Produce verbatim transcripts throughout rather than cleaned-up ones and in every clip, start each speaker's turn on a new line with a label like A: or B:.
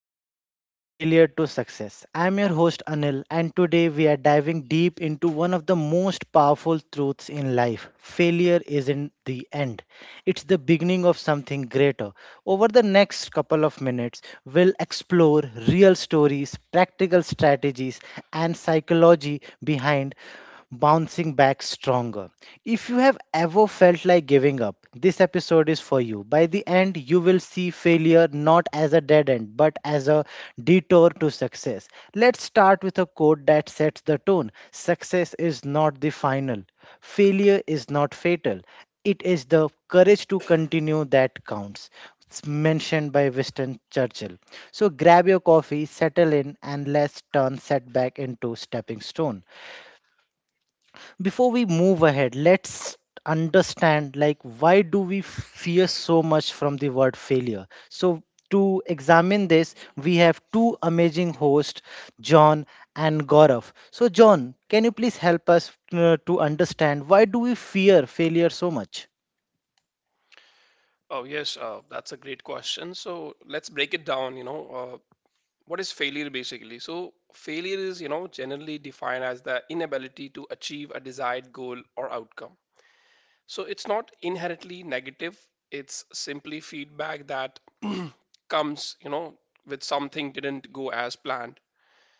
A: podcast From Failure to Success. I'm your host Anil, and today we are diving deep into one of the most powerful truths in life failure isn't the end, it's the beginning of something greater. Over the next couple of minutes, we'll explore real stories, practical strategies, and psychology behind bouncing back stronger. If you have ever felt like giving up, this episode is for you. By the end, you will see failure not as a dead end, but as a detour to success. Let's start with a quote that sets the tone Success is not the final, failure is not fatal. It is the courage to continue that counts. It's mentioned by Winston Churchill. So grab your coffee, settle in, and let's turn setback into stepping stone. Before we move ahead, let's understand like why do we fear so much from the word failure? So to examine this, we have two amazing hosts, John and Gaurav. So John, can you please help us uh, to understand why do we fear failure so much?
B: Oh, yes, uh, that's a great question. So let's break it down. You know, uh, what is failure basically? So, failure is, you know, generally defined as the inability to achieve a desired goal or outcome. So, it's not inherently negative, it's simply feedback that comes, you know, with something didn't go as planned.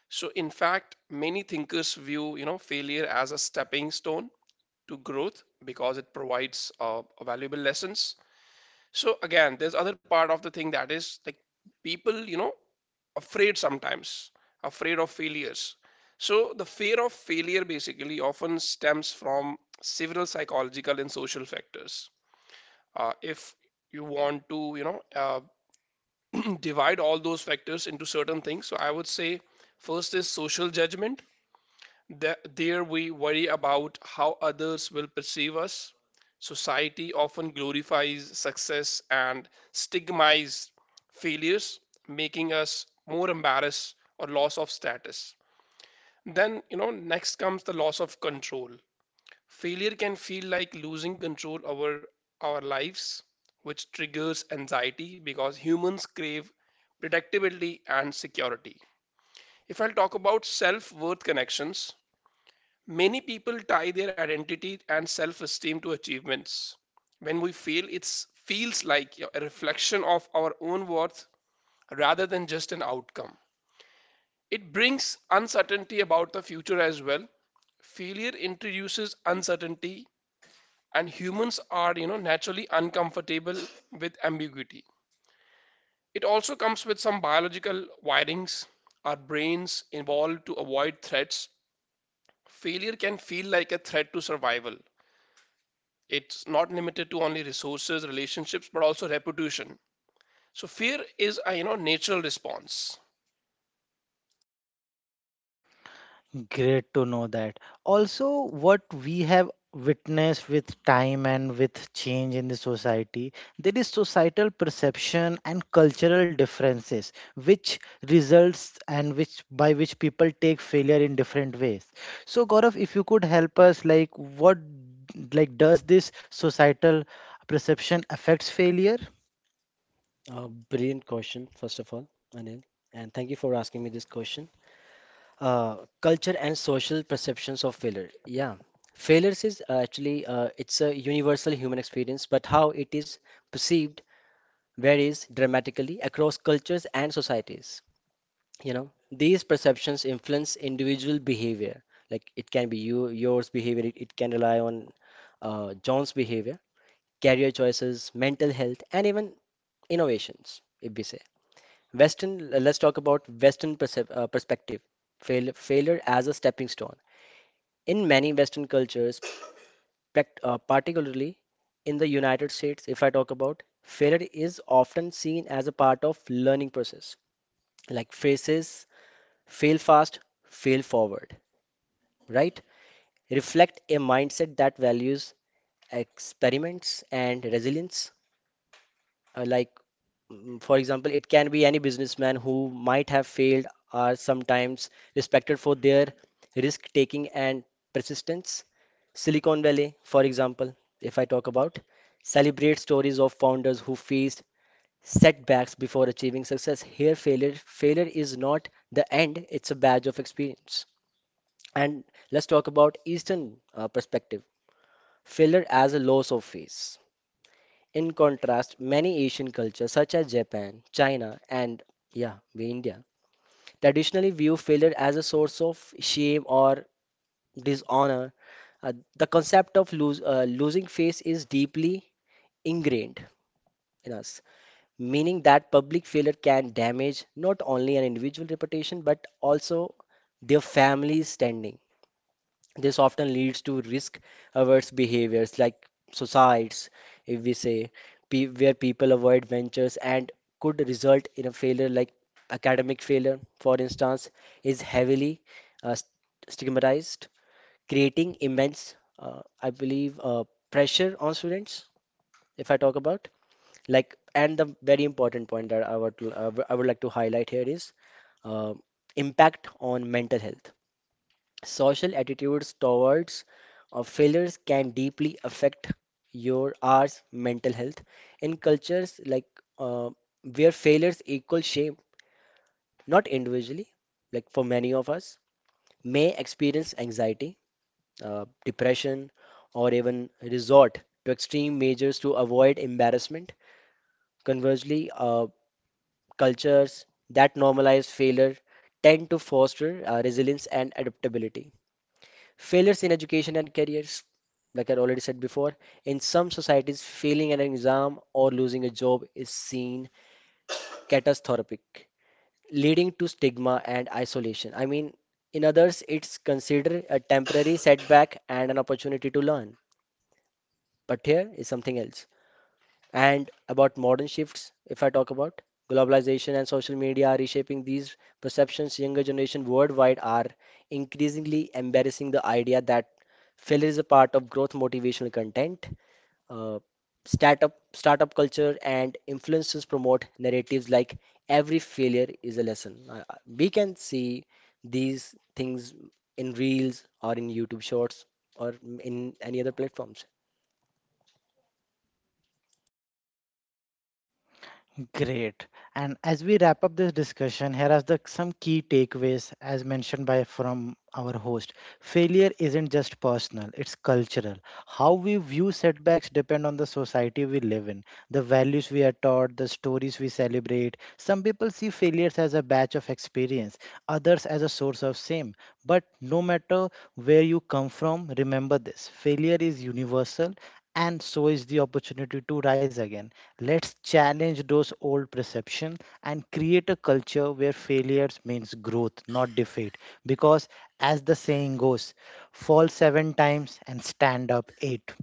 B: So, in fact, many thinkers view, you know, failure as a stepping stone to growth because it provides uh, valuable lessons. So again, there's other part of the thing that is like people, you know, afraid sometimes, afraid of failures. So the fear of failure basically often stems from several psychological and social factors. Uh, if you want to, you know, uh, divide all those factors into certain things, so I would say first is social judgment. Th- there we worry about how others will perceive us. Society often glorifies success and stigmatizes failures, making us more embarrassed or loss of status. Then, you know, next comes the loss of control. Failure can feel like losing control over our lives, which triggers anxiety because humans crave predictability and security. If I'll talk about self worth connections, many people tie their identity and self esteem to achievements. When we fail, it feels like a reflection of our own worth rather than just an outcome. It brings uncertainty about the future as well. Failure introduces uncertainty, and humans are, you know, naturally uncomfortable with ambiguity. It also comes with some biological wirings. Our brains evolved to avoid threats. Failure can feel like a threat to survival. It's not limited to only resources, relationships, but also reputation. So fear is a, you know natural response.
A: Great to know that. Also, what we have witnessed with time and with change in the society, there is societal perception and cultural differences, which results and which by which people take failure in different ways. So, Gaurav, if you could help us, like what, like does this societal perception affects failure?
C: Uh, Brilliant question, first of all, Anil, and thank you for asking me this question. Uh, culture and social perceptions of failure. Yeah, failures is uh, actually uh, it's a universal human experience, but how it is perceived varies dramatically across cultures and societies. You know, these perceptions influence individual behavior. Like it can be you, yours behavior. It, it can rely on uh, John's behavior, career choices, mental health, and even innovations, if we say. Western, let's talk about Western percep- uh, perspective, fail, failure as a stepping stone. In many Western cultures, prac- uh, particularly in the United States, if I talk about, failure is often seen as a part of learning process, like phrases, fail fast, fail forward, right? Reflect a mindset that values experiments and resilience uh, like mm, for example, it can be any businessman who might have failed are sometimes respected for their risk taking and persistence. Silicon Valley, for example, if I talk about, celebrate stories of founders who faced setbacks before achieving success. Here, failure failure is not the end, it's a badge of experience. And let's talk about Eastern uh, perspective, failure as a loss of face. In contrast, many Asian cultures, such as Japan, China, and, yeah, we India, traditionally view failure as a source of shame or dishonor. Uh, the concept of lose, uh, losing face is deeply ingrained in us, meaning that public failure can damage not only an individual reputation but also their family's standing. This often leads to risk-averse behaviors like suicides, if we say, pe where people avoid ventures and could result in a failure like academic failure, for instance, is heavily uh, st- stigmatized, creating immense, uh, I believe, uh, pressure on students, if I talk about. Like, and the very important point that I would, I would I would like to highlight here is uh, impact on mental health. Social attitudes towards uh, failures can deeply affect your R's mental health. In cultures like uh, where failures equal shame, not individually, like for many of us, may experience anxiety, uh, depression, or even resort to extreme measures to avoid embarrassment. Conversely, uh, cultures that normalize failure tend to foster uh, resilience and adaptability. Failures in education and careers, like I already said before, in some societies, failing an exam or losing a job is seen catastrophic, leading to stigma and isolation. I mean, in others, it's considered a temporary setback and an opportunity to learn. But here is something else. And about modern shifts, if I talk about, globalization and social media are reshaping these perceptions, younger generation worldwide are increasingly embracing the idea that failure is a part of growth motivational content. Uh, startup startup culture and influencers promote narratives like every failure is a lesson. Uh, uh, we can see these things in reels or in YouTube shorts or in any other platforms.
A: Great. And as we wrap up this discussion, here are the some key takeaways as mentioned by from our host. Failure isn't just personal, it's cultural. How we view setbacks depend on the society we live in, the values we are taught, the stories we celebrate. Some people see failures as a batch of experience, others as a source of shame. But no matter where you come from, remember this. Failure is universal and so is the opportunity to rise again. Let's challenge those old perceptions and create a culture where failures means growth, not defeat. Because, as the saying goes, fall seven times and stand up eight.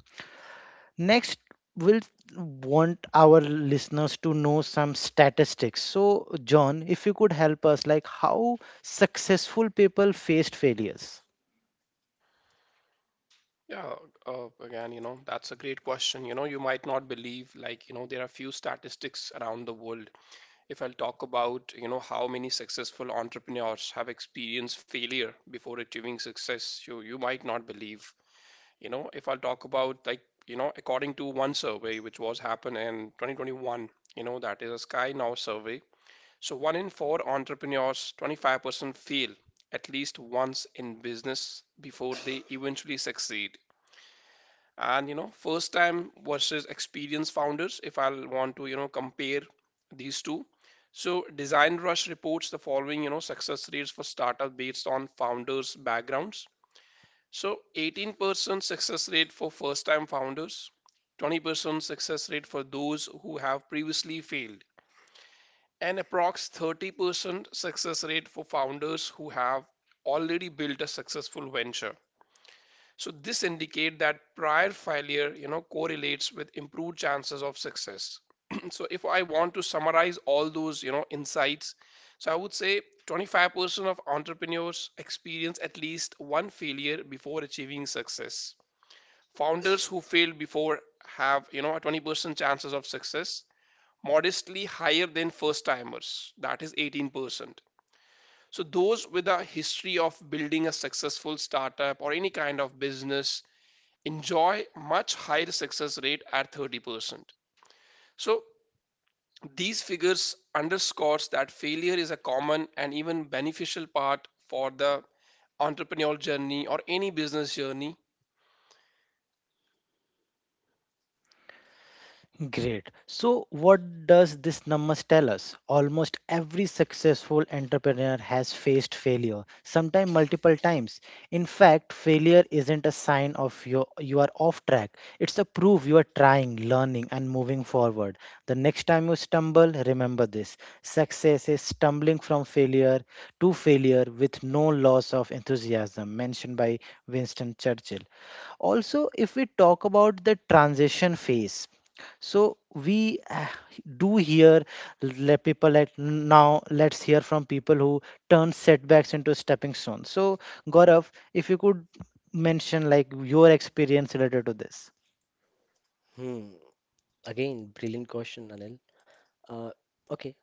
A: Next, we'll want our listeners to know some statistics. So, John, if you could help us, like how successful people faced failures.
B: Yeah, uh, again, you know that's a great question. You know, you might not believe, like you know there are few statistics around the world. If I'll talk about, you know how many successful entrepreneurs have experienced failure before achieving success, you you might not believe. You know, if I'll talk about, like, you know according to one survey which was happened in twenty twenty-one, you know, that is a sky now survey. So, one in four entrepreneurs, twenty-five percent, fail at least once in business before they eventually succeed. And, you know, first time versus experienced founders, if I'll want to, you know, compare these two. So, Design Rush reports the following, you know, success rates for startup based on founders' backgrounds. So, eighteen percent success rate for first time founders, twenty percent success rate for those who have previously failed, an approx thirty percent success rate for founders who have already built a successful venture. So this indicate that prior failure, you know, correlates with improved chances of success. So if I want to summarize all those, you know, insights, so I would say twenty-five percent of entrepreneurs experience at least one failure before achieving success. Founders who failed before have, you know, a twenty percent chances of success, modestly higher than first timers, that is eighteen percent. So, those with a history of building a successful startup or any kind of business enjoy much higher success rate at thirty percent. So, these figures underscores that failure is a common and even beneficial part for the entrepreneurial journey or any business journey.
A: Great. So, what does this numbers tell us? Almost every successful entrepreneur has faced failure, sometimes multiple times. In fact, failure isn't a sign of your you are off track. It's a proof you are trying, learning, and moving forward. The next time you stumble, remember this: success is stumbling from failure to failure with no loss of enthusiasm, mentioned by Winston Churchill also if we talk about the transition phase so we uh, do hear let people like now let's hear from people who turn setbacks into stepping stones so Gaurav if you could mention like your experience related to this.
C: Hmm. Again, brilliant question, Anil. Uh, okay,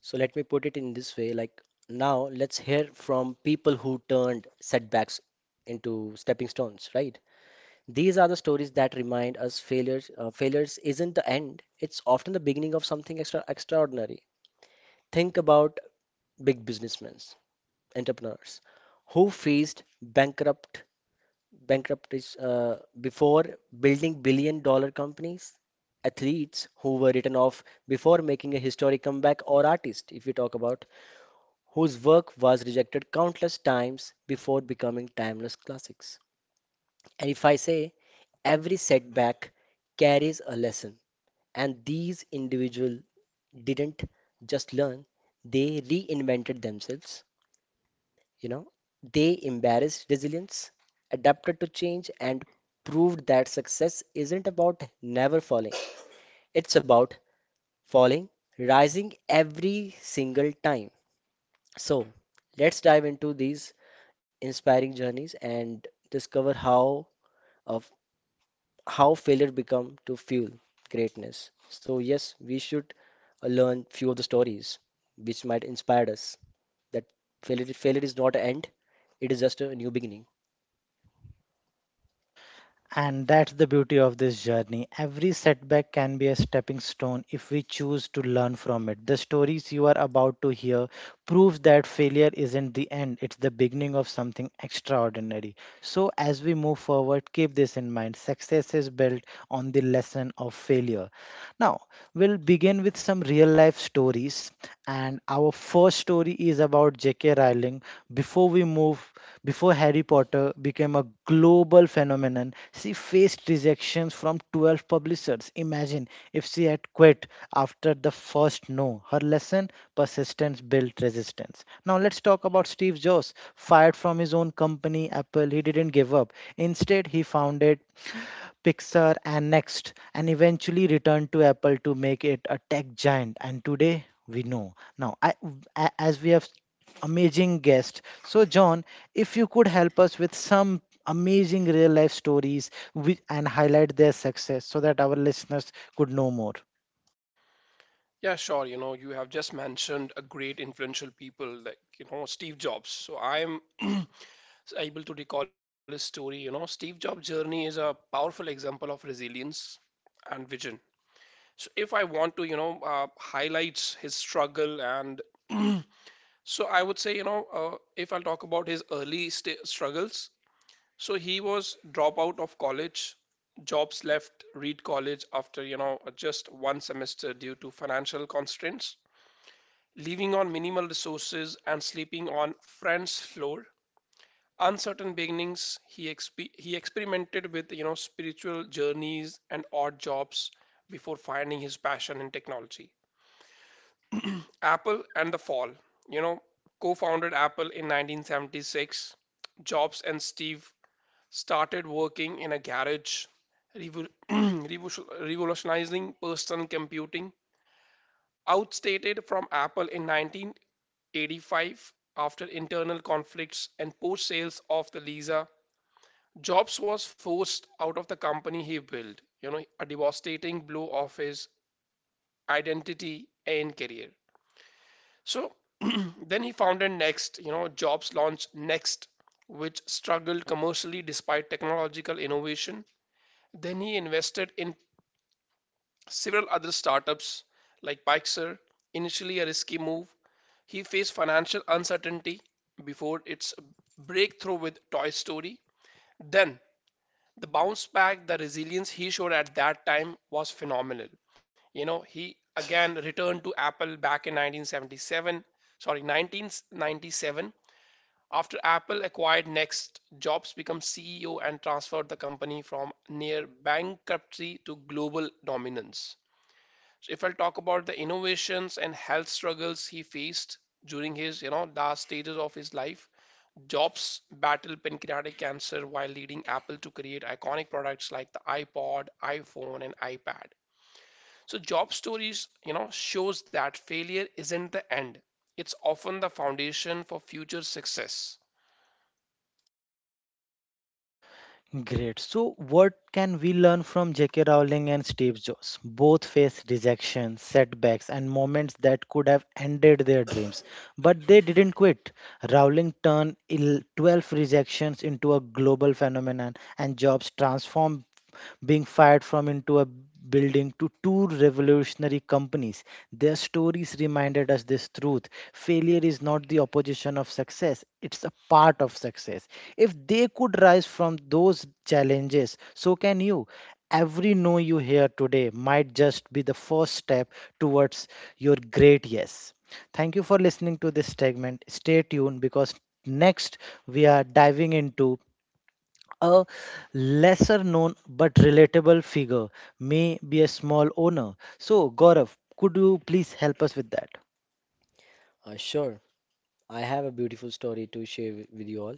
C: so let me put it in this way. Like now, let's hear from people who turned setbacks into stepping stones, right? These are the stories that remind us failures. Uh, failures isn't the end; it's often the beginning of something extra extraordinary. Think about big businessmen, entrepreneurs, who faced bankrupt bankruptcies uh, before building billion-dollar companies, athletes who were written off before making a historic comeback, or artists, if you talk about, whose work was rejected countless times before becoming timeless classics. And if I say, every setback carries a lesson, and these individuals didn't just learn, they reinvented themselves. You know, they embraced resilience, adapted to change, and proved that success isn't about never falling, it's about falling, rising every single time. So, let's dive into these inspiring journeys and discover how of how failure become to fuel greatness. So yes, we should uh, learn few of the stories which might inspire us that failure failure is not an end, it is just a new beginning.
A: And that's the beauty of this journey. Every setback can be a stepping stone if we choose to learn from it. The stories you are about to hear proves that failure isn't the end, it's the beginning of something extraordinary. So as we move forward, keep this in mind. Success is built on the lesson of failure. Now, we'll begin with some real life stories and our first story is about J K. Rowling, before we move before Harry Potter became a global phenomenon, she faced rejections from twelve publishers. Imagine if she had quit after the first no. Her lesson persistence built resistance. Now let's talk about Steve Jobs. Fired from his own company, Apple, he didn't give up. Instead, he founded Pixar, and Next, and eventually returned to Apple to make it a tech giant. And today we know. Now, I, a- as we have amazing guest, so John, if you could help us with some amazing real life stories wi- and highlight their success so that our listeners could know more.
B: Yeah, sure. You know, you have just mentioned a great influential people like, you know, Steve Jobs. So I'm able to recall his story. You know, Steve Jobs' journey is a powerful example of resilience and vision. So, if I want to, you know, uh, highlight his struggle and so I would say, you know, uh, if I'll talk about his early sta struggles, so he was dropout of college. Jobs left Reed College after, you know, just one semester due to financial constraints, living on minimal resources and sleeping on friends' floor. Uncertain beginnings, he exp- he experimented with, you know spiritual journeys and odd jobs before finding his passion in technology. Apple and the fall. You know, co-founded Apple in nineteen seventy-six. Jobs and Steve started working in a garage, revo- revo- revolutionizing personal computing. Outstated from Apple in nineteen eighty-five after internal conflicts and poor sales of the Lisa. Jobs was forced out of the company he built, you know, a devastating blow of his identity and career. So then he founded Next. You know, Jobs launched Next, which struggled commercially despite technological innovation. Then he invested in several other startups like Pixar, initially a risky move. He faced financial uncertainty before its breakthrough with Toy Story. Then the bounce back. The resilience he showed at that time was phenomenal. You know, he again returned to Apple back in nineteen seventy-seven, sorry, nineteen ninety-seven. After Apple acquired Next, Jobs became C E O and transferred the company from near bankruptcy to global dominance. So if I'll talk about the innovations and health struggles he faced during his, you know, last stages of his life, Jobs battled pancreatic cancer while leading Apple to create iconic products like the iPod, iPhone, and iPad. So Jobs' stories, you know, shows that failure isn't the end. It's often the foundation for future success.
A: Great. So, what can we learn from J K. Rowling and Steve Jobs? Both faced rejection, setbacks, and moments that could have ended their dreams, but they didn't quit. Rowling turned il- twelve rejections into a global phenomenon, and Jobs transformed being fired from into a building to two revolutionary companies. Their stories reminded us this truth. Failure is not the opposition of success, it's a part of success. If they could rise from those challenges, so can you. Every no you hear today might just be the first step towards your great yes. Thank you for listening to this segment. Stay tuned because next we are diving into a lesser known but relatable figure may be a small owner. So, Gaurav, could you please help us with that?
C: Uh, sure, I have a beautiful story to share wi- with you all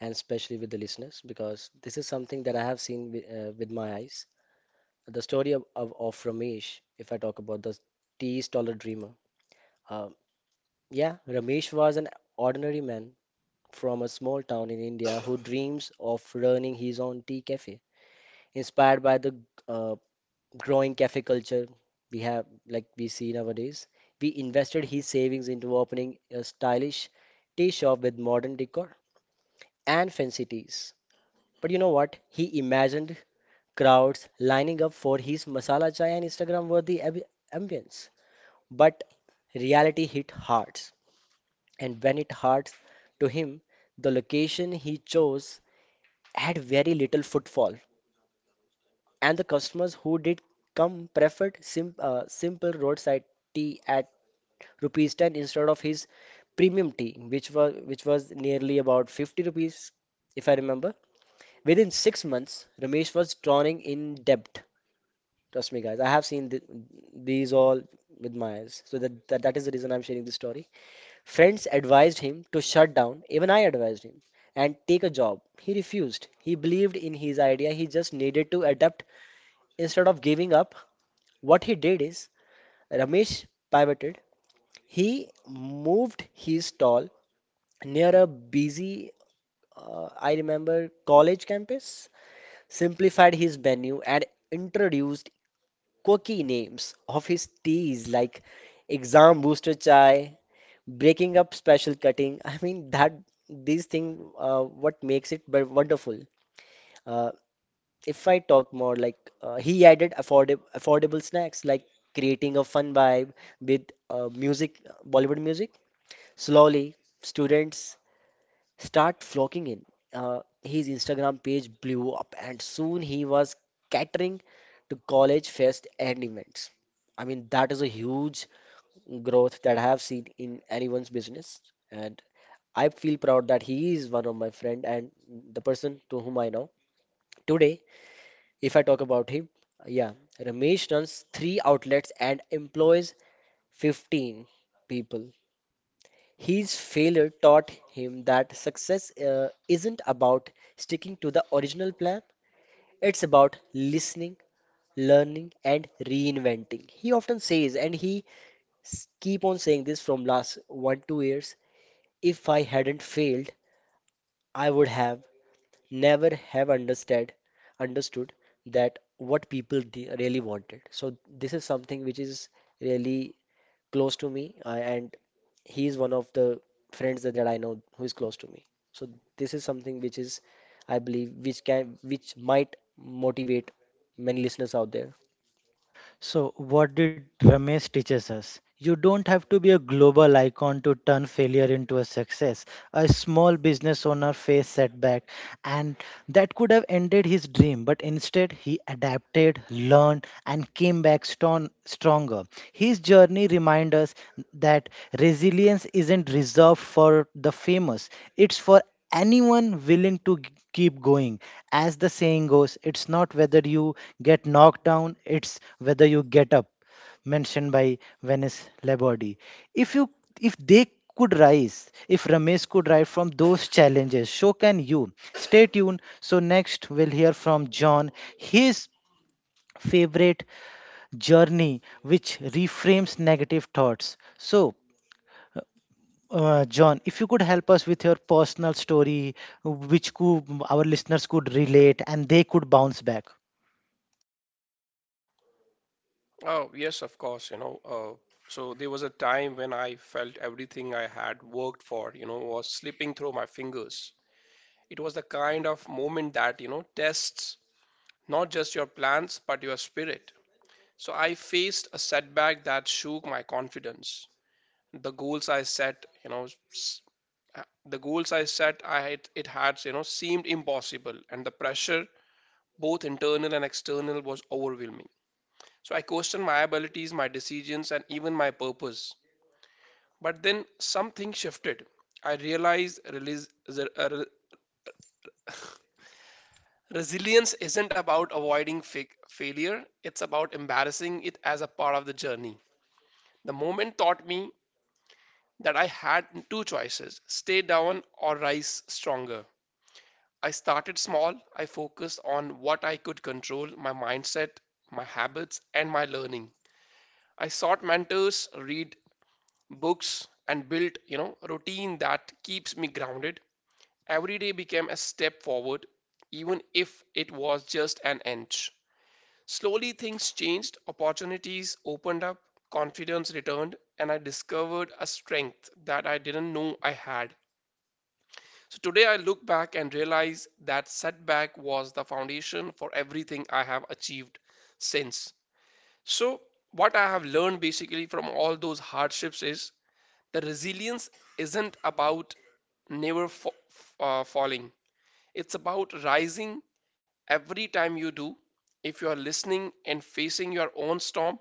C: and especially with the listeners because this is something that I have seen with, uh, with my eyes. The story of, of, of Ramesh, if I talk about, the tea stolid dreamer. Uh, Yeah, Ramesh was an ordinary man from a small town in India who dreams of running his own tea cafe. Inspired by the uh, growing cafe culture we have, like we see nowadays, we invested his savings into opening a stylish tea shop with modern decor and fancy teas. But you know what? He imagined crowds lining up for his masala chai and Instagram-worthy ambi- ambience. But reality hit hard. And when it hurts to him, the location he chose had very little footfall, and the customers who did come preferred sim uh, simple roadside tea at rupees ten instead of his premium tea, which was which was nearly about fifty rupees, if I remember. Within six months, Ramesh was drowning in debt. Trust me, guys, I have seen th these all with my eyes. So that, that that is the reason I'm sharing this story. Friends advised him to shut down, even I advised him, and take a job. He refused. He believed in his idea, he just needed to adapt instead of giving up. What he did is Ramesh pivoted. He moved his stall near a busy, uh, I remember, college campus, simplified his menu, and introduced quirky names of his teas like exam booster chai, breaking up special cutting I mean that these thing uh, what makes it but wonderful. uh, if I talk more, like, uh, he added affordable affordable snacks, like creating a fun vibe with uh, music, Bollywood music. Slowly, students start flocking in. Uh, his Instagram page blew up, and soon he was catering to college fest and events. I mean, that is a huge growth that I have seen in anyone's business. And I feel proud that he is one of my friend and the person to whom I know. Today, if I talk about him, yeah, Ramesh runs three outlets and employs fifteen people. His failure taught him that success uh, isn't about sticking to the original plan. It's about listening, learning, and reinventing. He often says, and he s- keep on saying this from last one two years. If I hadn't failed, I would have never have understood understood that what people th really wanted. So this is something which is really close to me, uh, and he is one of the friends that, that I know who is close to me. So this is something which is, I believe, which can which might motivate many listeners out there.
A: So, what did Ramesh teaches us? You don't have to be a global icon to turn failure into a success. A small business owner faced setback, and that could have ended his dream, but instead he adapted, learned, and came back strong, stronger. His journey reminds us that resilience isn't reserved for the famous; it's for anyone willing to g- keep going as the saying goes it's not whether you get knocked down it's whether you get up mentioned by Venice Laborde. if you if they could rise if Ramesh could rise from those challenges so can you. Stay tuned so next we'll hear from John his favorite journey which reframes negative thoughts so uh, John, if you could help us with your personal story, which could, our listeners could relate and they could bounce back.
B: Oh, yes, of course, you know, uh, so there was a time when I felt everything I had worked for, you know, was slipping through my fingers. It was the kind of moment that, you know, tests not just your plans, but your spirit. So I faced a setback that shook my confidence. The goals I set, you know, s- uh, the goals I set, I had, it had, you know, seemed impossible, and the pressure, both internal and external, was overwhelming. So I questioned my abilities, my decisions, and even my purpose. But then something shifted. I realized release, the- uh, re- Resilience isn't about avoiding fa- failure; it's about embarrassing it as a part of the journey. The moment taught me that I had two choices: stay down or rise stronger. I started small, I focused on what I could control: my mindset, my habits, and my learning. I sought mentors, read books, and built, you know, routine that keeps me grounded. Every day became a step forward, even if it was just an inch. Slowly things changed, opportunities opened up, confidence returned, and I discovered a strength that I didn't know I had. So today I look back and realize that setback was the foundation for everything I have achieved since. So, what I have learned basically from all those hardships is the resilience isn't about never fa- uh, falling, it's about rising every time you do. If you are listening and facing your own storm,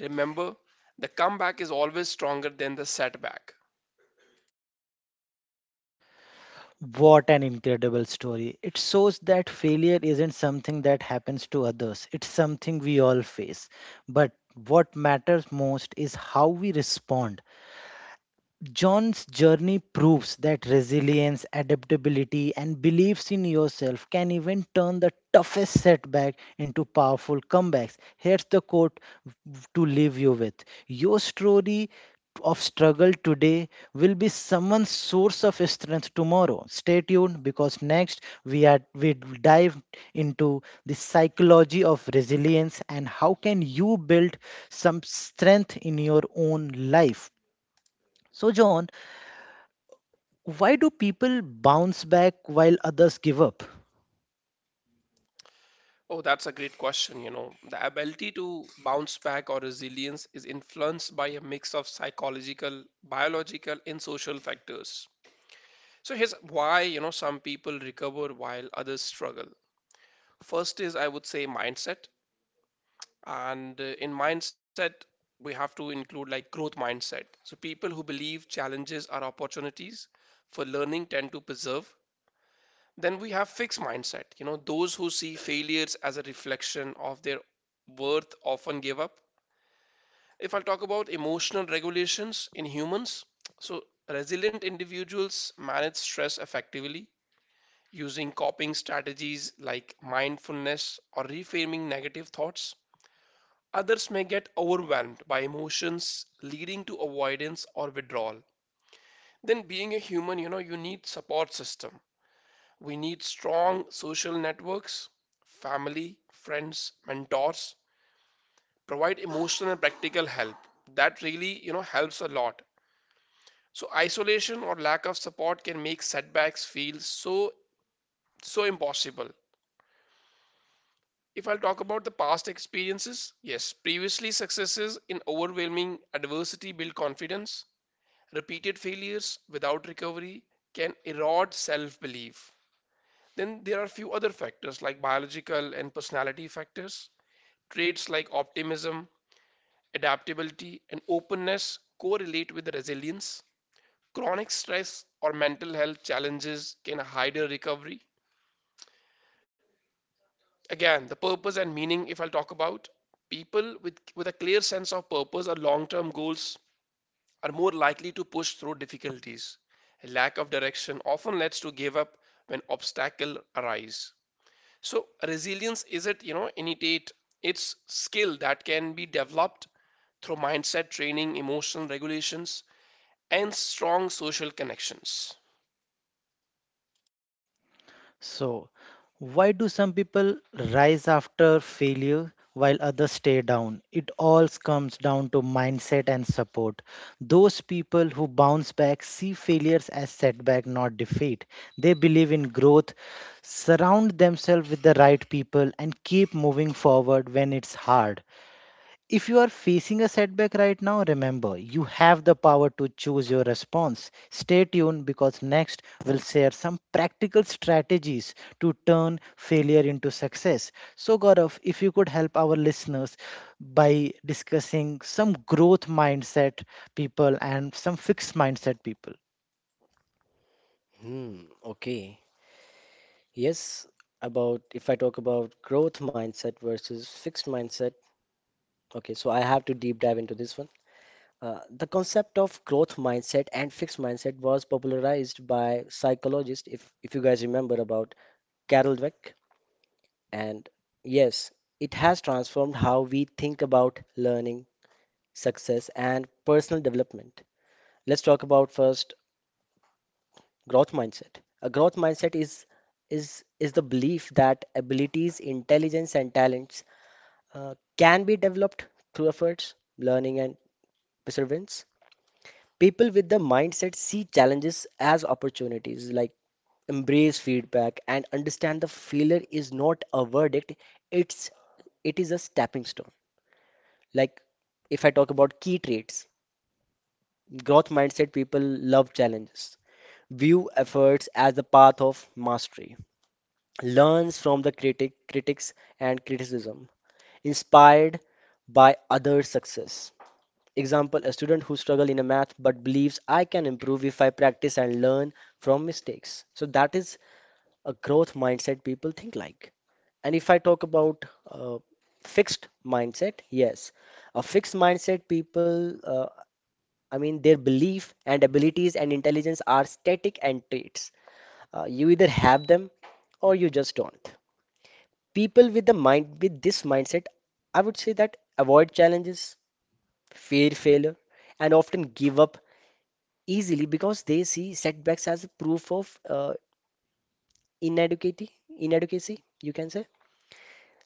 B: remember the comeback is always stronger than the setback.
A: What an incredible story. It shows that failure isn't something that happens to others, it's something we all face. But what matters most is how we respond. John's journey proves that resilience, adaptability, and beliefs in yourself can even turn the toughest setback into powerful comebacks. Here's the quote to leave you with Your story of struggle today will be someone's source of strength tomorrow. Stay tuned because next we are we dive into the psychology of resilience and how can you build some strength in your own life. So, John, why do people bounce back while others give up?
B: Oh, that's a great question. You know, the ability to bounce back, or resilience, is influenced by a mix of psychological, biological, and social factors. So here's why, you know, some people recover while others struggle. First is, I would say, mindset. And uh, in mindset, we have to include like growth mindset. So people who believe challenges are opportunities for learning tend to persevere. Then we have fixed mindset. You know, those who see failures as a reflection of their worth often give up. If I'll talk about emotional regulations in humans, so resilient individuals manage stress effectively using coping strategies like mindfulness or reframing negative thoughts. Others may get overwhelmed by emotions, leading to avoidance or withdrawal. Then, being a human, you know, you need support system. We need strong social networks, family, friends, mentors, provide emotional and practical help. That really, you know, helps a lot. So isolation or lack of support can make setbacks feel so so impossible. If I'll talk about the past experiences, yes, previously successes in overwhelming adversity build confidence. Repeated failures without recovery can erode self-belief. Then there are few other factors like biological and personality factors. Traits like optimism, adaptability, and openness correlate with resilience. Chronic stress or mental health challenges can hinder recovery. Again, the purpose and meaning, if I'll talk about, people with, with a clear sense of purpose or long term goals are more likely to push through difficulties. A lack of direction often leads to give up when obstacles arise. So resilience isn't, you know, innate. It's skill that can be developed through mindset training, emotional regulations, and strong social connections.
A: So, why do some people rise after failure while others stay down? It all comes down to mindset and support. Those people who bounce back see failures as setback, not defeat. They believe in growth, surround themselves with the right people, and keep moving forward when it's hard. If you are facing a setback right now, remember you have the power to choose your response. Stay tuned because next we'll share some practical strategies to turn failure into success. So, Gaurav, if you could help our listeners by discussing some growth mindset people and some fixed mindset people.
C: Hmm, okay. Yes, about if I talk about growth mindset versus fixed mindset. Okay, so I have to deep dive into this one. Uh, the concept of growth mindset and fixed mindset was popularized by psychologist, if, if you guys remember about Carol Dweck. And yes, it has transformed how we think about learning, success, and personal development. Let's talk about first growth mindset. A growth mindset is is is the belief that abilities, intelligence, and talents uh, can be developed through efforts, learning, and perseverance. People with the mindset see challenges as opportunities, like embrace feedback and understand the failure is not a verdict, it's it is a stepping stone. Like, if I talk about key traits, growth mindset people love challenges, view efforts as the path of mastery, learns from the critic critics and criticism, inspired by others' success. Example, a student who struggle in a math but believes I can improve if I practice and learn from mistakes. So that is a growth mindset people think like. And if I talk about uh, fixed mindset, yes, a fixed mindset people, uh, I mean, their belief and abilities and intelligence are static and traits. Uh, you either have them or you just don't. People with the mind with this mindset, I would say that avoid challenges, fear failure, and often give up easily because they see setbacks as a proof of uh, inadequacy inadequacy, you can say.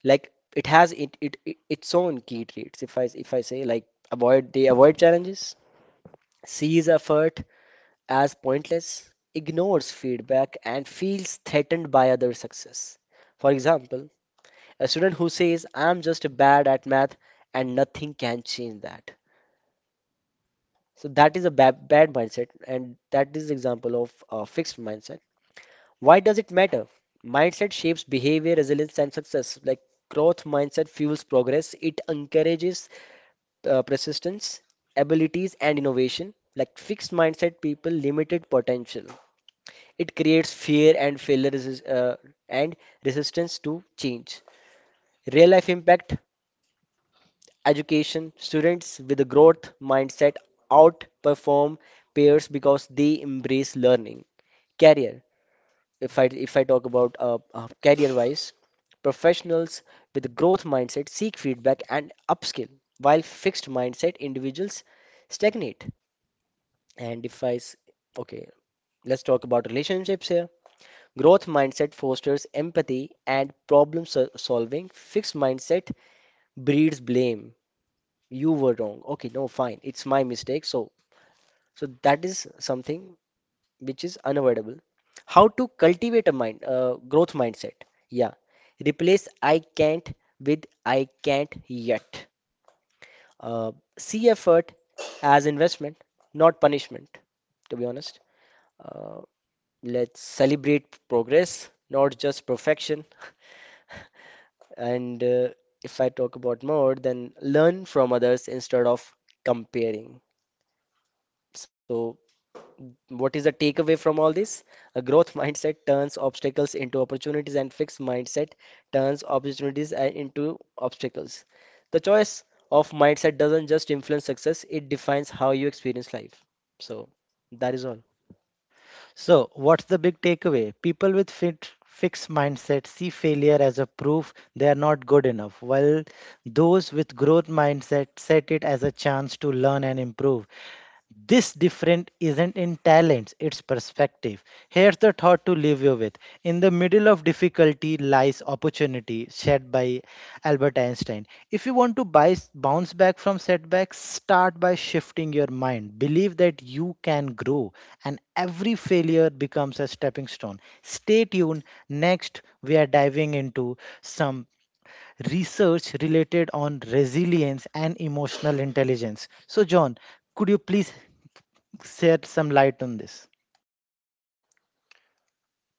C: Like, it has it, it it- its own key traits. If i if i say, like, avoid, they avoid challenges, sees effort as pointless, ignores feedback, and feels threatened by other success. For example, a student who says I'm just bad at math and nothing can change that. So that is a bad, bad mindset, and that is example of a fixed mindset. Why does it matter? Mindset shapes behavior, resilience, and success. Like, growth mindset fuels progress, it encourages uh, persistence, abilities, and innovation. Like fixed mindset people, limited potential. It creates fear and failure resist, uh, and resistance to change. Real life impact, education, students with a growth mindset outperform peers because they embrace learning. Career. if I if I talk about uh, uh, career-wise, professionals with growth mindset seek feedback and upskill, while fixed mindset individuals stagnate. And if I s- okay, let's talk about relationships here. Growth mindset fosters empathy and problem sol- solving. Fixed mindset breeds blame. You were wrong. Okay, no, fine. It's my mistake. So, so that is something which is unavoidable. How to cultivate a mind, uh, growth mindset. Yeah. Replace I can't with I can't yet. Uh, see effort as investment, not punishment, to be honest. Uh, let's celebrate progress, not just perfection. And uh, If I talk about more, then learn from others instead of comparing. So, what is the takeaway from all this? A growth mindset turns obstacles into opportunities, and fixed mindset turns opportunities uh, into obstacles. The choice of mindset doesn't just influence success, it defines how you experience life. So, that is all.
A: So, what's the big takeaway? People with fit, fixed mindset see failure as a proof they are not good enough, while those with growth mindset set it as a chance to learn and improve. This different isn't in talents, it's perspective. Here's the thought to leave you with. In the middle of difficulty lies opportunity, said by Albert Einstein. If you want to buy, bounce back from setbacks, start by shifting your mind. Believe that you can grow, and every failure becomes a stepping stone. Stay tuned. Next, we are diving into some research related on resilience and emotional intelligence. So, John, could you please shed some light on this.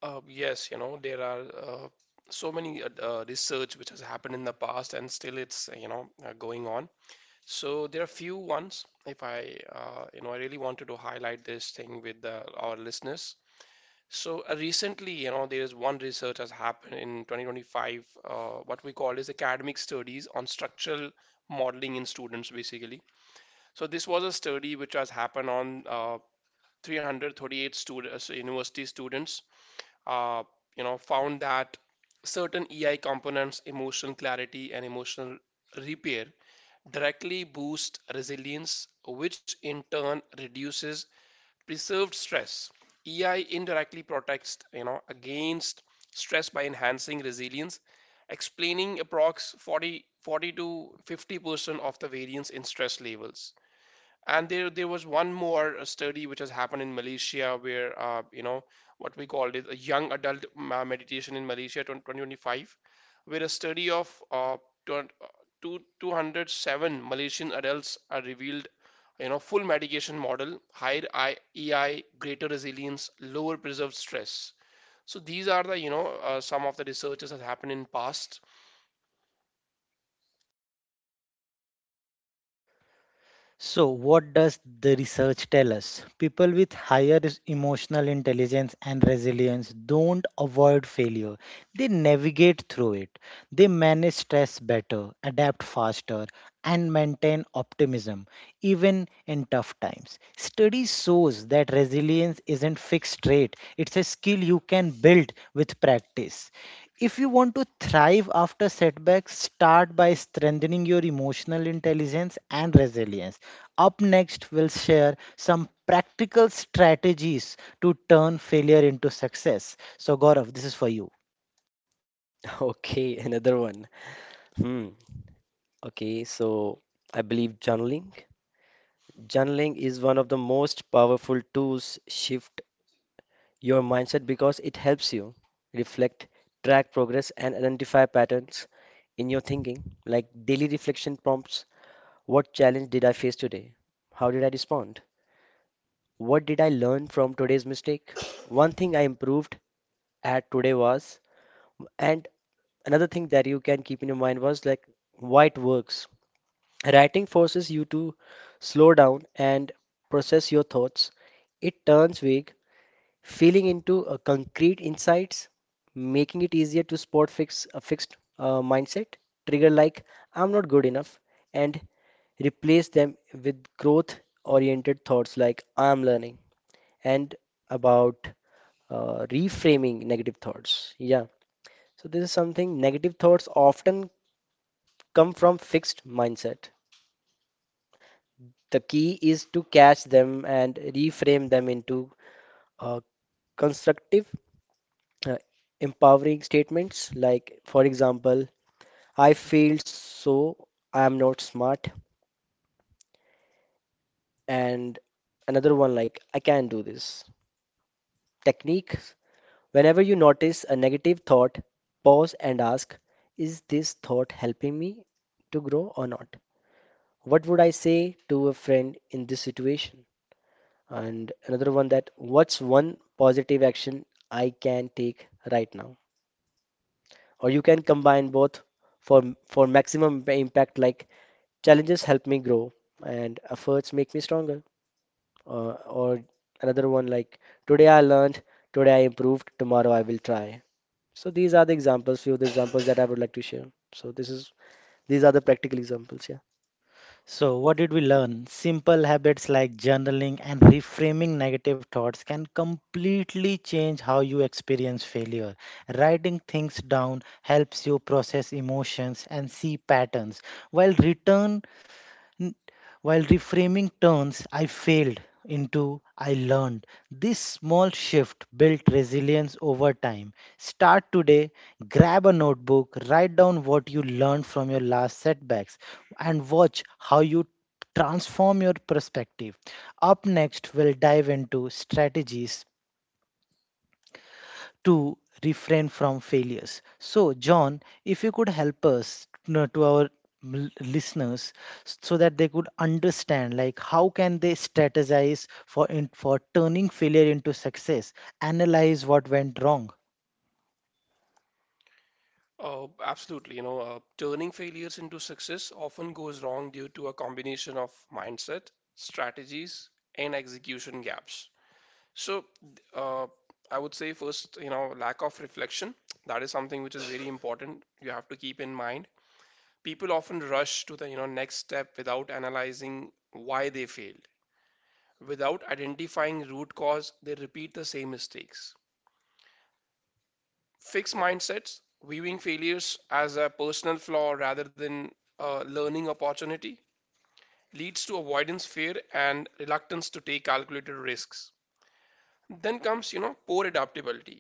B: Uh, yes, you know, there are uh, so many uh, uh, research which has happened in the past and still it's, uh, you know, uh, going on. So there are few ones. If I, uh, you know, I really wanted to highlight this thing with uh, our listeners. So uh, recently, you know, there is one research has happened in twenty twenty-five, uh, what we call is academic studies on structural modeling in students, basically. So this was a study which has happened on uh, three hundred thirty-eight students, university students, uh, you know, found that certain E I components, emotional clarity and emotional repair, directly boost resilience, which in turn reduces preserved stress. EI indirectly protects, you know against stress by enhancing resilience, explaining approx 40 40 to fifty percent of the variance in stress levels. And there, there was one more uh, study which has happened in Malaysia where, uh, you know, what we called it a young adult meditation in Malaysia twenty twenty-five, where a study of uh, two hundred uh, two hundred seven Malaysian adults are revealed, you know, full medication model, higher E I, greater resilience, lower preserved stress. So these are the, you know, uh, some of the researches that happened in past.
A: So, what does the research tell us? People with higher is- emotional intelligence and resilience don't avoid failure. They navigate through it. They manage stress better, adapt faster, and maintain optimism even in tough times. Study shows that resilience isn't fixed rate, it's a skill you can build with practice. If you want to thrive after setbacks, start by strengthening your emotional intelligence and resilience. Up next, we'll share some practical strategies to turn failure into success. So, Gaurav, this is for you.
C: Okay, another one. Hmm. Okay, so I believe journaling. Journaling is one of the most powerful tools shift your mindset because it helps you reflect, track progress, and identify patterns in your thinking. Like daily reflection prompts: what challenge did I face today? How did I respond? What did I learn from today's mistake? One thing I improved at today was, and another thing that you can keep in your mind was like why it works. Writing forces you to slow down and process your thoughts. It turns vague feeling into uh, concrete insights, making it easier to spot fix a fixed uh, mindset trigger like I'm not good enough, and replace them with growth oriented thoughts like I'm learning. And about uh, reframing negative thoughts. Yeah. So this is something, negative thoughts often come from fixed mindset. The key is to catch them and reframe them into uh, constructive, uh, empowering statements like, for example, I failed, so I am not smart, and another one like, I can do this. Techniques: whenever you notice a negative thought, pause and ask, is this thought helping me to grow or not? What would I say to a friend in this situation? And another one, that what's one positive action I can take right now? Or you can combine both for for maximum impact like challenges help me grow and efforts make me stronger. Uh, or another one like today I learned, today I improved, tomorrow I will try. So these are the examples, few of the examples that I would like to share. So this is these are the practical examples, yeah.
A: So, what did we learn? Simple habits like journaling and reframing negative thoughts can completely change how you experience failure. Writing things down helps you process emotions and see patterns, while return N- while reframing turns I failed into I learned. This small shift built resilience over time. Start today, grab a notebook, write down what you learned from your last setbacks, and watch how you transform your perspective. Up next, we'll dive into strategies to refrain from failures. So, John, if you could help us you to our l- listeners so that they could understand like how can they strategize for in, for turning failure into success analyze what went wrong.
B: Oh, absolutely. You know, uh, turning failures into success often goes wrong due to a combination of mindset, strategies, and execution gaps. So, uh, I would say first, you know, lack of reflection. That is something which is very important. You have to keep in mind. People often rush to the, you know, next step without analyzing why they failed. Without identifying root cause, they repeat the same mistakes. Fixed mindsets, viewing failures as a personal flaw rather than a learning opportunity, leads to avoidance, fear, and reluctance to take calculated risks. Then comes, you know, poor adaptability,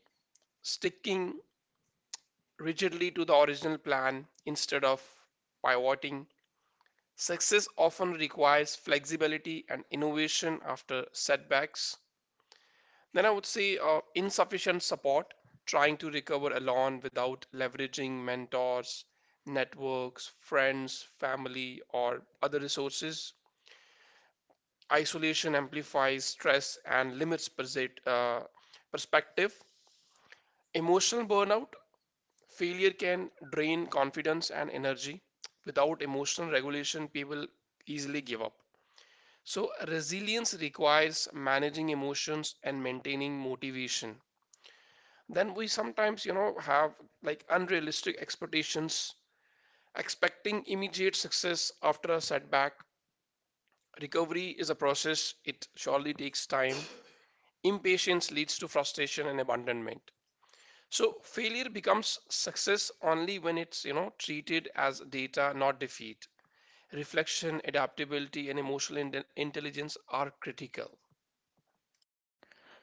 B: sticking rigidly to the original plan instead of pivoting. Success often requires flexibility and innovation after setbacks. Then I would say uh, insufficient support, trying to recover alone without leveraging mentors, networks, friends, family, or other resources. Isolation amplifies stress and limits perse- uh, perspective. Emotional burnout, failure can drain confidence and energy. Without emotional regulation, people easily give up. So, resilience requires managing emotions and maintaining motivation. Then we sometimes, you know, have like unrealistic expectations, expecting immediate success after a setback. Recovery is a process, it surely takes time. Impatience leads to frustration and abandonment. So failure becomes success only when it's, you know, treated as data, not defeat. Reflection, adaptability, and emotional inte- intelligence are critical.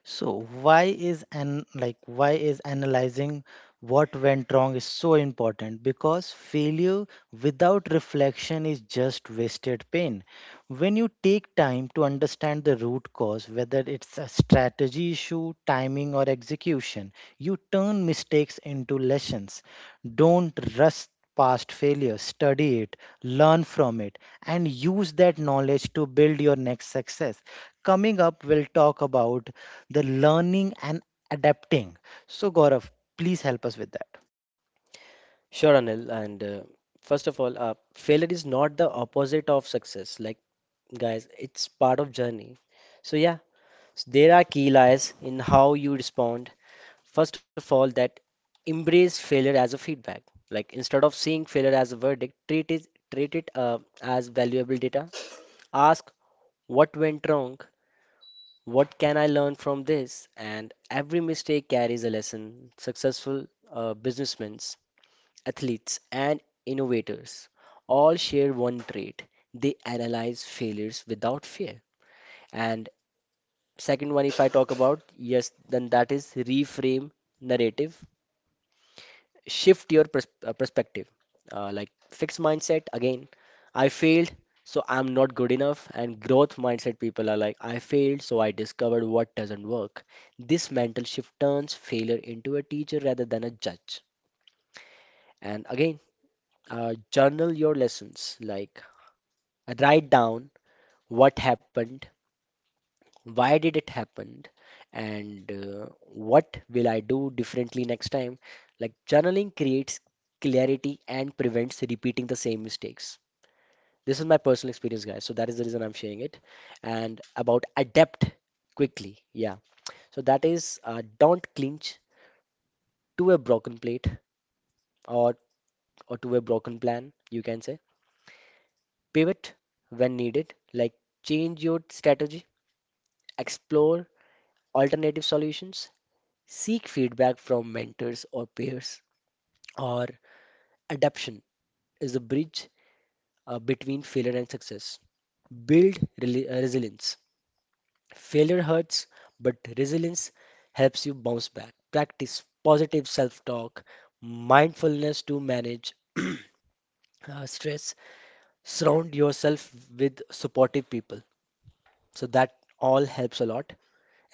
A: So why is an like why is analyzing what went wrong is so important because failure without reflection is just wasted pain. When you take time to understand the root cause, whether it's a strategy issue, timing or execution, you turn mistakes into lessons. Don't rush past failure, study it, learn from it, and use that knowledge to build your next success. Coming up, we'll talk about the learning and adapting. So, Gaurav, please help us with that.
C: Sure, Anil. And uh, First of all, uh, failure is not the opposite of success. Like, guys, it's part of journey. So yeah, s- there are key lies in how you respond. First of all, that embrace failure as a feedback. Like instead of seeing failure as a verdict, treat it treat it uh, as valuable data. Ask what went wrong, what can I learn from this, and every mistake carries a lesson. Successful uh, businessmen, athletes, and innovators all share one trait: they analyze failures without fear. And second one, if I talk about yes, then that is reframe narrative, shift your pers- uh, perspective. Uh, like fixed mindset again, I failed so I'm not good enough, and growth mindset people are like I failed so I discovered what doesn't work. This mental shift turns failure into a teacher rather than a judge. And again, uh, journal your lessons, like write down what happened, why did it happen, and uh, what will I do differently next time. Like journaling creates clarity and prevents repeating the same mistakes. This is my personal experience, guys, so that is the reason I'm sharing it. And about adapt quickly, yeah. So that is, uh, don't clinch to a broken plate, or or to a broken plan you can say, pivot when needed, like change your strategy, explore alternative solutions. Seek feedback from mentors or peers, or adaptation is the bridge uh, between failure and success. Build reli- uh, resilience. Failure hurts, but resilience helps you bounce back. Practice positive self talk, mindfulness to manage uh, stress. Surround yourself with supportive people. So that all helps a lot.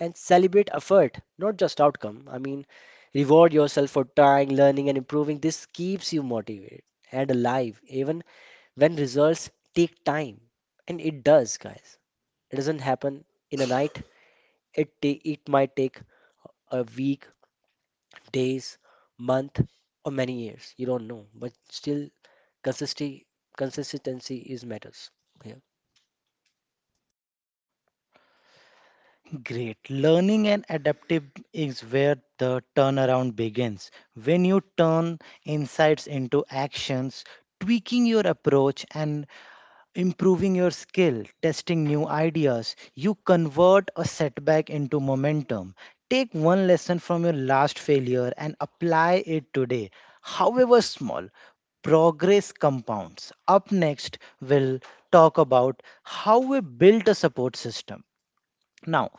C: And celebrate effort, not just outcome. I mean, reward yourself for trying, learning, and improving. This keeps you motivated and alive, even when results take time. And it does, guys. It doesn't happen in a night. It ta- it might take a week, days, month, or many years. You don't know, but still, consistency consistency is matters. Yeah.
A: Great. Learning and adaptive is where the turnaround begins. When you turn insights into actions, tweaking your approach and improving your skill, testing new ideas, you convert a setback into momentum. Take one lesson from your last failure and apply it today, however small. Progress compounds. Up next, we'll talk about how we built a support system. Now,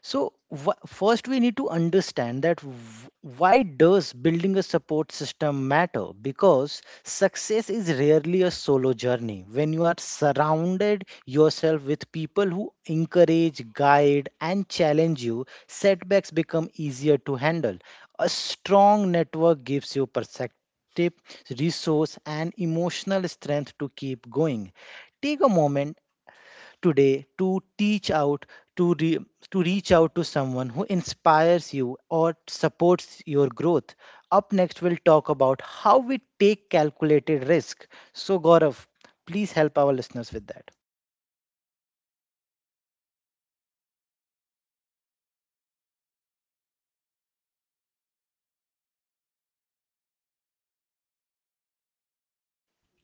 A: so wh- first we need to understand that w- why does building a support system matter? Because success is rarely a solo journey. When you are surrounded yourself with people who encourage, guide and challenge you, setbacks become easier to handle. A strong network gives you perspective, resource and emotional strength to keep going. Take a moment today to teach out to re- to reach out to someone who inspires you or supports your growth. Up next we'll talk about how we take calculated risk. So Gaurav, please help our listeners with that.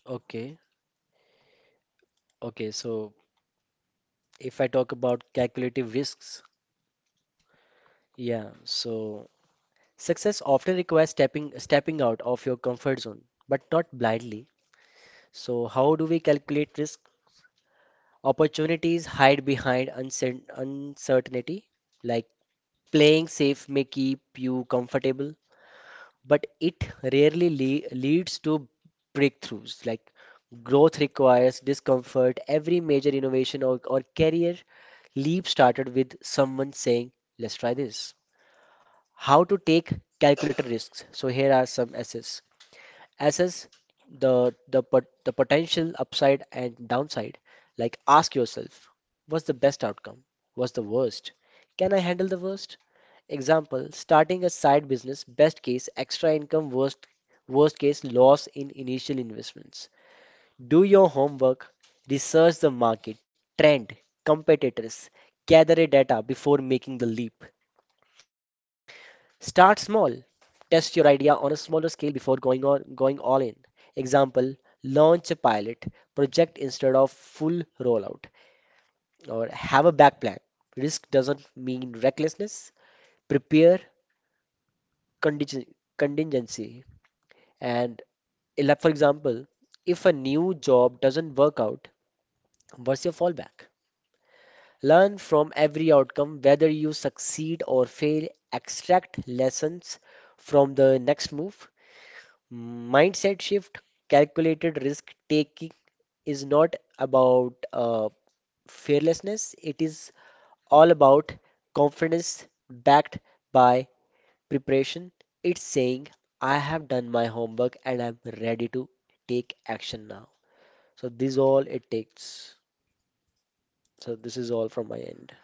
C: Okay. Okay. So if I talk about calculative risks, yeah. So success often requires stepping stepping out of your comfort zone, but not blindly. So how do we calculate risk? Opportunities hide behind uncer- uncertainty, like playing safe may keep you comfortable, but it rarely le- leads to breakthroughs. Like growth requires discomfort. Every major innovation, or, or career leap started with someone saying, "Let's try this." How to take calculated risks. So here are some assets. Assess the the pot- the potential upside and downside. Like ask yourself, what's the best outcome? What's the worst? Can I handle the worst? Example, starting a side business, best case extra income, worst worst case loss in initial investments. Do your homework, research the market, trend, competitors, gather a data before making the leap. Start small. Test your idea on a smaller scale before going on going all in. Example, launch a pilot project instead of full rollout, or have a back plan. Risk doesn't mean recklessness. Prepare conting- contingency, and ele- for example, if a new job doesn't work out, what's your fallback? Learn from every outcome, whether you succeed or fail, extract lessons from the next move. Mindset shift, calculated risk taking is not about uh, fearlessness, it is all about confidence backed by preparation. It's saying, I have done my homework and I'm ready to take action now. So, this all it takes. So, this is all from my end.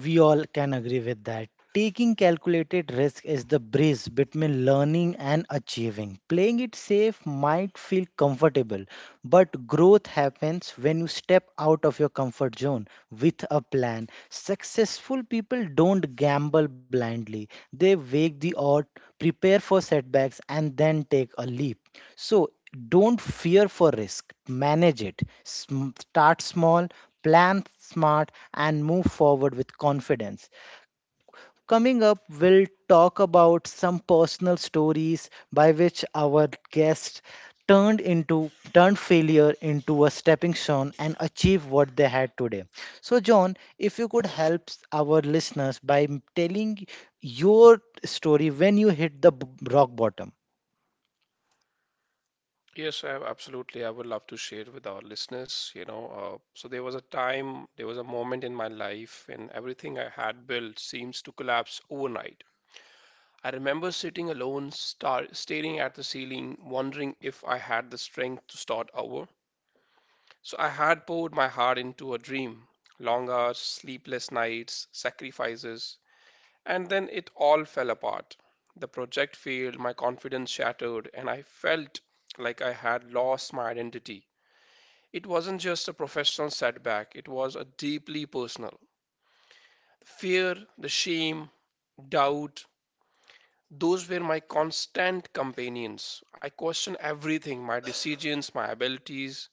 A: We all can agree with that. Taking calculated risk is the bridge between learning and achieving. Playing it safe might feel comfortable, but growth happens when you step out of your comfort zone with a plan. Successful people don't gamble blindly, they weigh the odds, prepare for setbacks, and then take a leap. So don't fear for risk, manage it. Sm- Start small, plan smart, and move forward with confidence. Coming up, we'll talk about some personal stories by which our guests turned into turned failure into a stepping stone and achieve what they had today so John if you could help s- our listeners by m- telling your story when you hit the b- rock bottom.
B: Yes, I, absolutely. I would love to share with our listeners. You know, uh, so there was a time, there was a moment in my life, and everything I had built seems to collapse overnight. I remember sitting alone, star staring at the ceiling, wondering if I had the strength to start over. So I had poured my heart into a dream: long hours, sleepless nights, sacrifices, and then it all fell apart. The project failed, my confidence shattered, and I felt like I had lost my identity. It wasn't just a professional setback, it was a deeply personal. Fear, the shame, doubt, those were my constant companions. I questioned everything: my decisions, my abilities,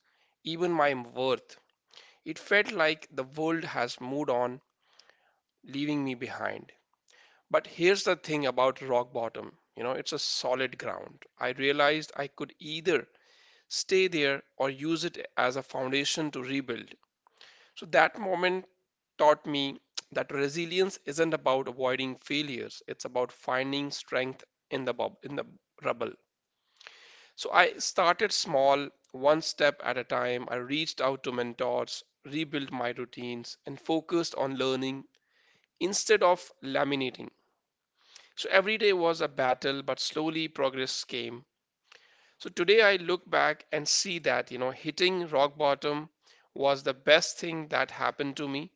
B: even my worth. It felt like the world has moved on, leaving me behind. But here's the thing about rock bottom you know, It's a solid ground. I realized I could either stay there or use it as a foundation to rebuild. So that moment taught me that resilience isn't about avoiding failures, it's about finding strength in the bob in the rubble. So I started small, one step at a time. I reached out to mentors, rebuilt my routines, and focused on learning instead of laminating. So every day was a battle, but slowly progress came. So today I look back and see that, you know, hitting rock bottom was the best thing that happened to me.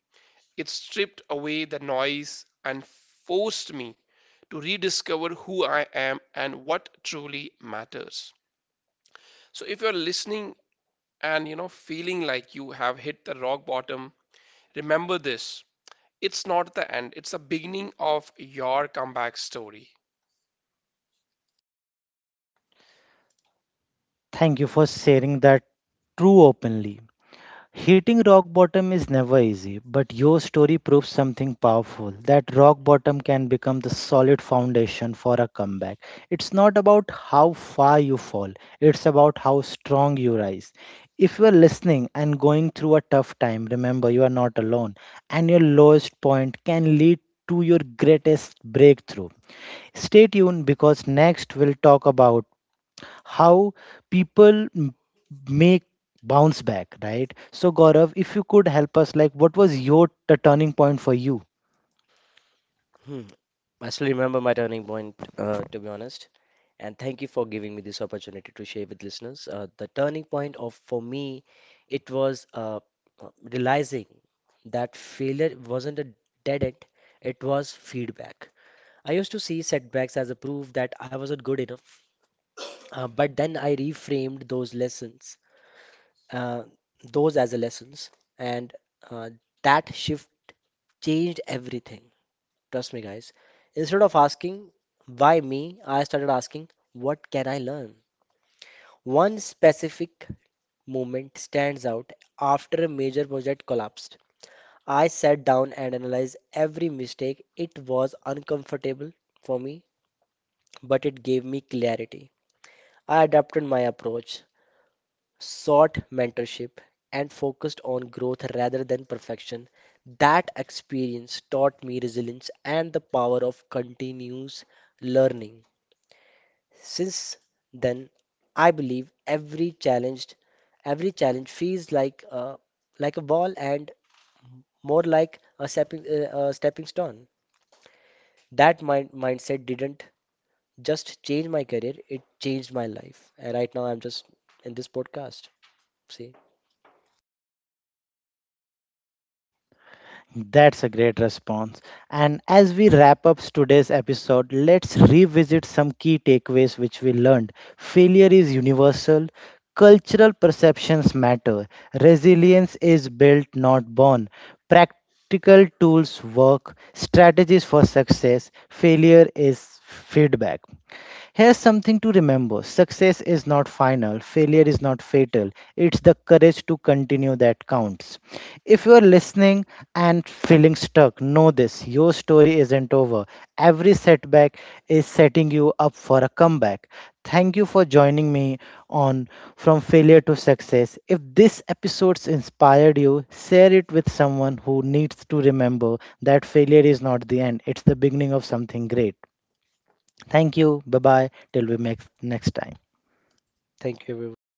B: It stripped away the noise and forced me to rediscover who I am and what truly matters. So if you're listening and you know feeling like you have hit the rock bottom, remember this. It's not the end, it's the beginning of your comeback story.
A: Thank you for sharing that true openly. Hitting rock bottom is never easy, but your story proves something powerful that rock bottom can become the solid foundation for a comeback. It's not about how far you fall, it's about how strong you rise. If you are listening and going through a tough time, remember you are not alone, and your lowest point can lead to your greatest breakthrough. Stay tuned because next we'll talk about how people m- make bounce back, right? So Gaurav, if you could help us, like what was your t- turning point for you?
C: Hmm. I still remember my turning point, uh, to be honest. And thank you for giving me this opportunity to share with listeners. Uh, the turning point of for me, it was uh, uh, realizing that failure wasn't a dead end, it was feedback. I used to see setbacks as a proof that I wasn't good enough, uh, but then I reframed those lessons, uh, those as a lessons, and uh, that shift changed everything. Trust me, guys. Instead of asking, why me, I started asking, what can I learn? One specific moment stands out after a major project collapsed. I sat down and analyzed every mistake. It was uncomfortable for me, but it gave me clarity. I adapted my approach, sought mentorship, and focused on growth rather than perfection. That experience taught me resilience and the power of continuous learning. Since then, I believe every challenged, every challenge feels like a like a wall and more like a stepping uh, a stepping stone. That mind mindset didn't just change my career; it changed my life. And right now, I'm just in this podcast. See,
A: That's a great response. And as we wrap up today's episode, let's revisit some key takeaways which we learned. Failure is universal, cultural perceptions matter, resilience is built, not born. Practical tools work, strategies for success, failure is feedback. Here's something to remember success is not final, failure is not fatal. It's the courage to continue that counts. If you're listening and feeling stuck, know this your story isn't over. Every setback is setting you up for a comeback. Thank you for joining me on From Failure to Success. If this episode's inspired you, share it with someone who needs to remember that failure is not the end, it's the beginning of something great. Thank you. Bye bye. Till we meet next time.
C: thank you, everyone.